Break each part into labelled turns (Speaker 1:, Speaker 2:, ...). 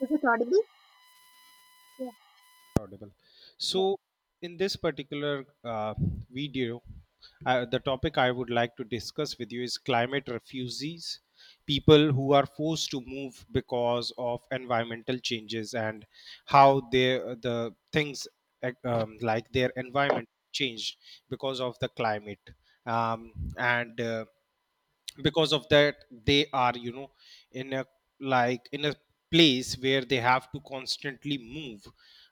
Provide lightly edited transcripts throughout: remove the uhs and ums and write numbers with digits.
Speaker 1: Is it audible? Yeah.
Speaker 2: Audible. So
Speaker 1: Yeah.
Speaker 2: in this particular video, the topic I would like to discuss with you is climate refugees, people who are forced to move because of environmental changes, and how they the things like their environment changed because of the climate, um, and because of that they are, you know, in a, like in a place where they have to constantly move,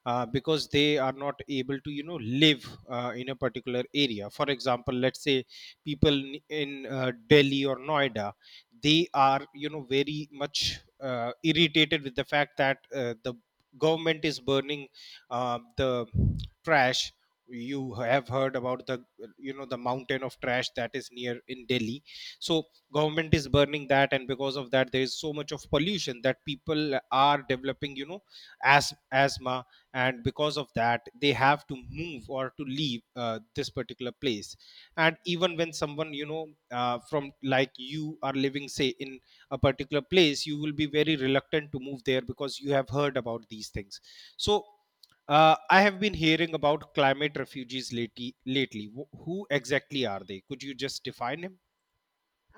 Speaker 2: because they are not able to, you know, live in a particular area. For example, let's say people in Delhi or Noida, they are, you know, very much irritated with the fact that the government is burning the trash. You have heard about the, you know, the mountain of trash that is near in Delhi. So government is burning that, and because of that there is so much of pollution that people are developing, you know, as asthma, and because of that they have to move or to leave this particular place. And even when someone, you know, from, like, you are living, say, in a particular place, you will be very reluctant to move there because you have heard about these things. So I have been hearing about climate refugees lately. Who exactly are they? Could you just define him?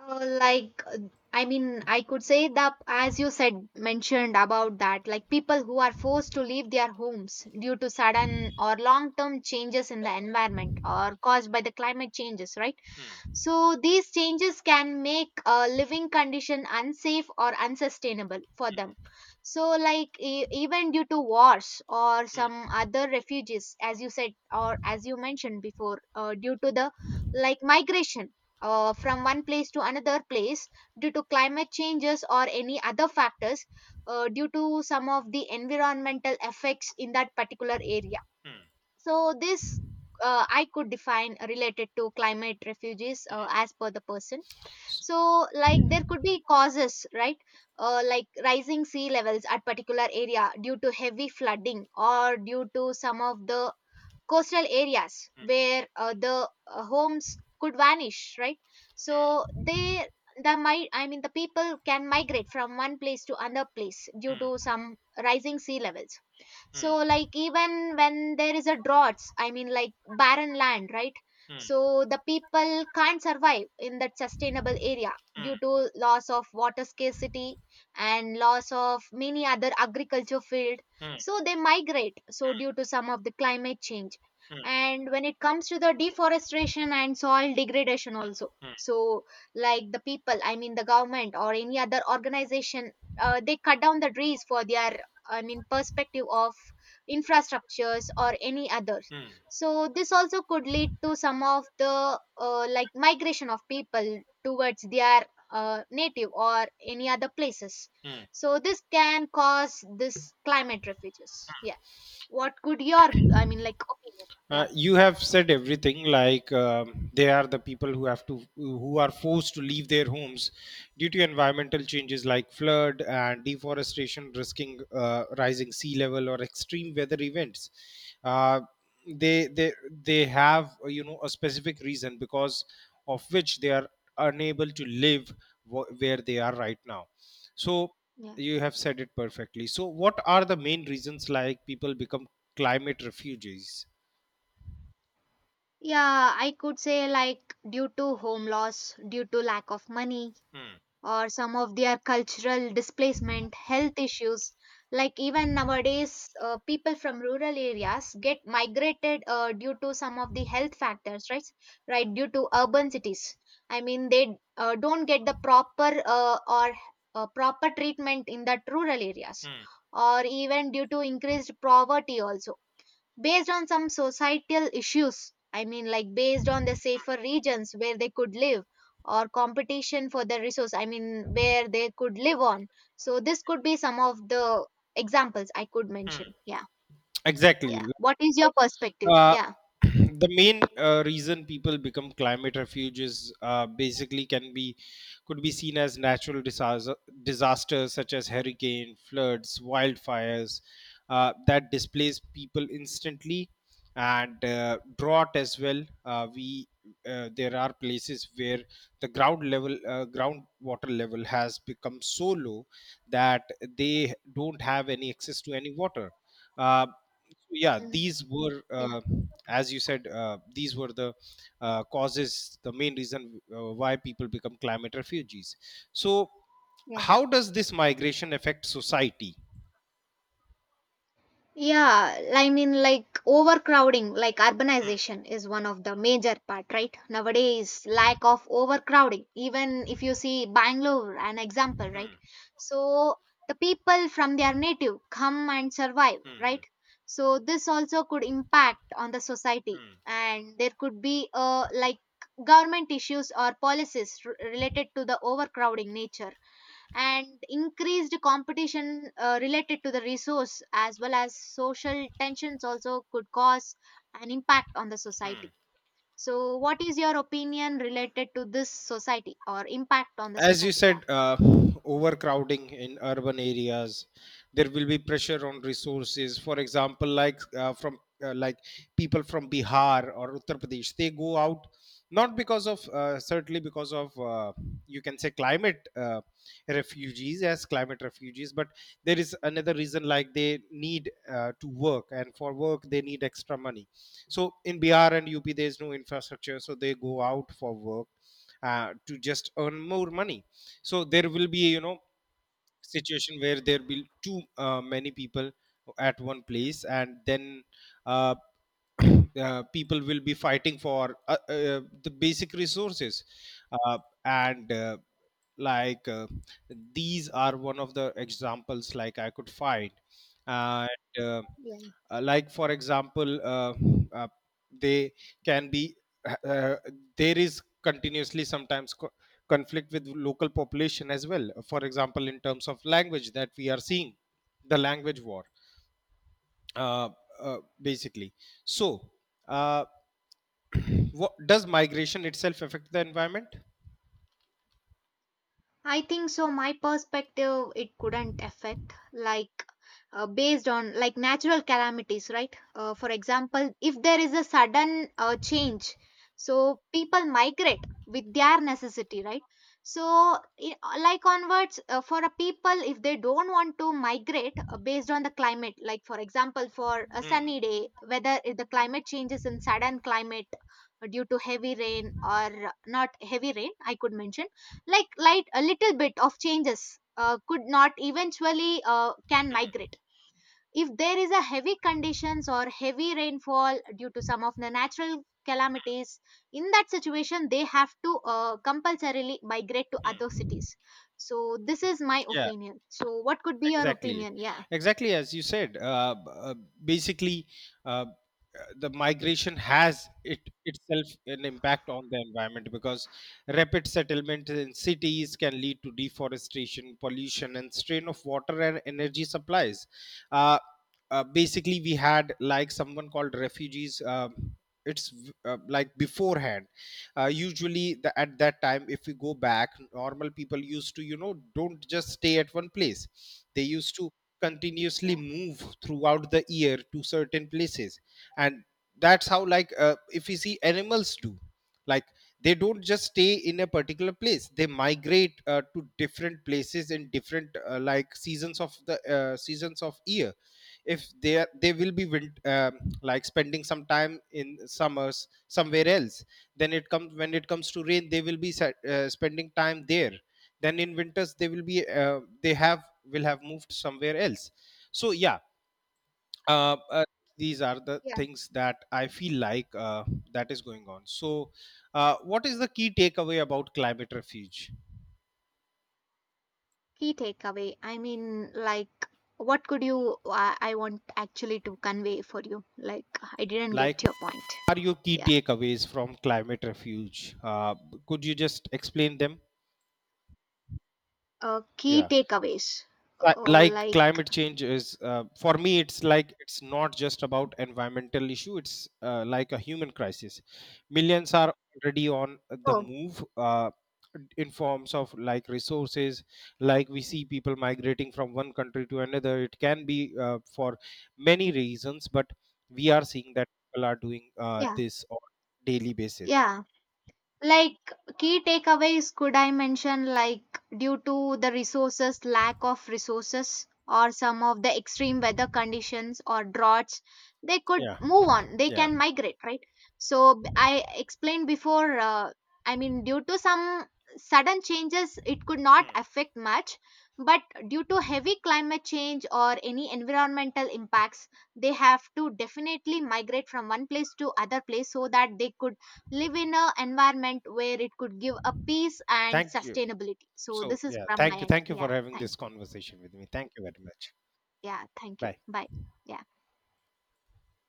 Speaker 1: Uh, like uh, I could say that, as you said, mentioned about that, like people who are forced to leave their homes due to sudden or long term changes in the environment, or caused by the climate changes, right?
Speaker 2: Hmm.
Speaker 1: So these changes can make a living condition unsafe or unsustainable for them. So like even due to wars or
Speaker 2: Hmm.
Speaker 1: some other refugees, as you said or as you mentioned before, due to the like migration from one place to another place due to climate changes or any other factors, due to some of the environmental effects in that particular area. So this I could define related to climate refugees as per the person. So like there could be causes, right? Like rising sea levels at particular area due to heavy flooding, or due to some of the coastal areas where the homes could vanish, right? So they the might I mean the people can migrate from one place to another place due to
Speaker 2: 嗯
Speaker 1: some rising sea levels. So
Speaker 2: 嗯
Speaker 1: like even when there is a droughts, I mean like barren land, right?
Speaker 2: 嗯
Speaker 1: So the people can't survive in that sustainable area due
Speaker 2: 嗯
Speaker 1: to loss of water scarcity and loss of many other agriculture field.
Speaker 2: 嗯
Speaker 1: So they migrate, so due to some of the climate change.
Speaker 2: 嗯
Speaker 1: And when it comes to the deforestation and soil degradation also,
Speaker 2: 嗯
Speaker 1: so like the people, I mean the government or any other organization, they cut down the trees for their, I mean, perspective of infrastructures or any others.
Speaker 2: 嗯。
Speaker 1: So this also could lead to some of the like migration of people towards their native or any other places. So this can cause this climate refuges. Yeah. What could your, I mean like, opinion? Yeah.
Speaker 2: You have said everything, like, they are the people who have to who are forced to leave their homes due to environmental changes like flood and deforestation, risking rising sea level or extreme weather events. uh, they they have, you know, a specific reason because of which they are unable to live where they are right now. So
Speaker 1: Yeah.
Speaker 2: you have said it perfectly. So what are the main reasons, like, people become climate refugees?
Speaker 1: Yeah, I could say like due to home loss, due to lack of money,
Speaker 2: Hmm.
Speaker 1: or some of their cultural displacement, health issues. Like even nowadays, people from rural areas get migrated due to some of the health factors, right? Right, due to urban cities. I mean, they don't get the proper or proper treatment in that rural areas,
Speaker 2: Hmm.
Speaker 1: or even due to increased poverty also, based on some societal issues. I mean, like based on the safer regions where they could live, or competition for the resource, I mean, where they could live on. So, this could be some of the examples I could mention. Yeah.
Speaker 2: Exactly.
Speaker 1: Yeah. What is your perspective?
Speaker 2: Uh,
Speaker 1: Yeah.
Speaker 2: the main reason people become climate refuges basically can be could be seen as natural disaster, disasters such as hurricane, floods, wildfires that displace people instantly, and drought as well. We there are places where the ground level groundwater level has become so low that they don't have any access to any water. uh, so, yeah,
Speaker 1: Mm.
Speaker 2: these were
Speaker 1: Yeah.
Speaker 2: as you said, these were the causes, the main reason why people become climate refugees. So
Speaker 1: Yeah.
Speaker 2: how does this migration affect society?
Speaker 1: Yeah, I mean, like overcrowding, like
Speaker 2: Hmm,
Speaker 1: urbanization is one of the major part, right? Nowadays, lack of overcrowding. Even if you see Bangalore, an example, right?
Speaker 2: hmm,
Speaker 1: So the people from their native come and survive,
Speaker 2: hmm,
Speaker 1: right? So this also could impact on the
Speaker 2: hmm,
Speaker 1: society,
Speaker 2: hmm,
Speaker 1: and there could be like government issues or policies related to the overcrowding nature, and increased competition related to the resource, as well as social tensions, also could cause an impact on the
Speaker 2: hmm.
Speaker 1: society. So what is your opinion related to this society or impact on the
Speaker 2: As you
Speaker 1: society? Yeah.
Speaker 2: said, overcrowding in urban areas, there will be pressure on resources. For example, like, from like, people from Bihar or Uttar Pradesh, they go out, not because of certainly because of you can say climate refugees as climate refugees, but there is another reason. Like, they need to work, and for work they need extra money. So in Bihar and UP there is no infrastructure, so they go out for work to just earn more money. So there will be, you know, situation where there will too many people at one place, and then uh, people will be fighting for the basic resources, uh, and like these are one of the examples, like, I could find. And like For example, uh, they can be, uh, uh, there is continuously sometimes conflict with local population as well. For example, in terms of language, that we are seeing the language war, uh, basically. So uh, what, does migration itself affect the environment?
Speaker 1: I think so. My perspective, it couldn't affect like based on like natural calamities, right? For example, if there is a sudden change, so people migrate with their necessity, right? So, like onwards, for a people, if they don't want to migrate based on the climate, like for example, for a
Speaker 2: Hmm,
Speaker 1: sunny day, whether if the climate changes in sudden climate due to heavy rain or not heavy rain, I could mention like light a little bit of changes could not eventually can migrate. If there is a heavy conditions or heavy rainfall due to some of the natural calamities, in that situation they have to compulsorily migrate to other
Speaker 2: hmm.
Speaker 1: cities. So this is my
Speaker 2: Yeah,
Speaker 1: opinion, so what could be your
Speaker 2: exactly,
Speaker 1: opinion? Yeah.
Speaker 2: exactly. As you said, basically uh, the migration has it itself an impact on the environment, because rapid settlement in cities can lead to deforestation, pollution, and strain of water and energy supplies. uh, Basically, we had like someone called refugees. It's like beforehand, usually the, at that time, if we go back, normal people used to, you know, don't just stay at one place. They used to continuously
Speaker 1: Yeah.
Speaker 2: move throughout the year to certain places. And that's how, like, if you see, animals do, like, they don't just stay in a particular place, they migrate to different places in different seasons of year. If they are, they will be like spending some time in summers somewhere else, then it comes to rain they will be spending time there, then in winters they will be, they have will have moved somewhere else. So yeah, uh, uh, these are the
Speaker 1: Yeah.
Speaker 2: things that I feel like that is going on. So what is the key takeaway about climate refuge,
Speaker 1: Key takeaway, I mean like, what could you, I want actually to convey for you, like I didn't
Speaker 2: like,
Speaker 1: get your point.
Speaker 2: what are your key
Speaker 1: Yeah.
Speaker 2: takeaways from climate refuge? uh, could you just explain them?
Speaker 1: Key
Speaker 2: Yeah.
Speaker 1: takeaways.
Speaker 2: Like,
Speaker 1: Like,
Speaker 2: climate change is, for me it's like, it's not just about environmental issue, it's like a human crisis. Millions are already on the
Speaker 1: oh,
Speaker 2: move, in forms of like resources. Like, we see people migrating from one country to another. It can be for many reasons, but we are seeing that people are doing
Speaker 1: yeah,
Speaker 2: this on daily basis.
Speaker 1: yeah. Like key takeaways could I mention, like due to the resources, lack of resources, or some of the extreme weather conditions or droughts, they could
Speaker 2: Yeah,
Speaker 1: move on, they
Speaker 2: yeah.
Speaker 1: can migrate, right? So I explained before, I mean due to some sudden changes it could not
Speaker 2: Hmm.
Speaker 1: affect much, but due to heavy climate change or any environmental impacts, they have to definitely migrate from one place to other place, so that they could live in a environment where it could give a peace and
Speaker 2: Thank you.
Speaker 1: sustainability. So
Speaker 2: So
Speaker 1: this is
Speaker 2: yeah,
Speaker 1: from my
Speaker 2: thank you,
Speaker 1: end.
Speaker 2: thank you for
Speaker 1: Yeah,
Speaker 2: having
Speaker 1: thank
Speaker 2: this
Speaker 1: you.
Speaker 2: conversation with me. Thank you very much.
Speaker 1: Yeah, thank you.
Speaker 2: Bye.
Speaker 1: Bye. Yeah.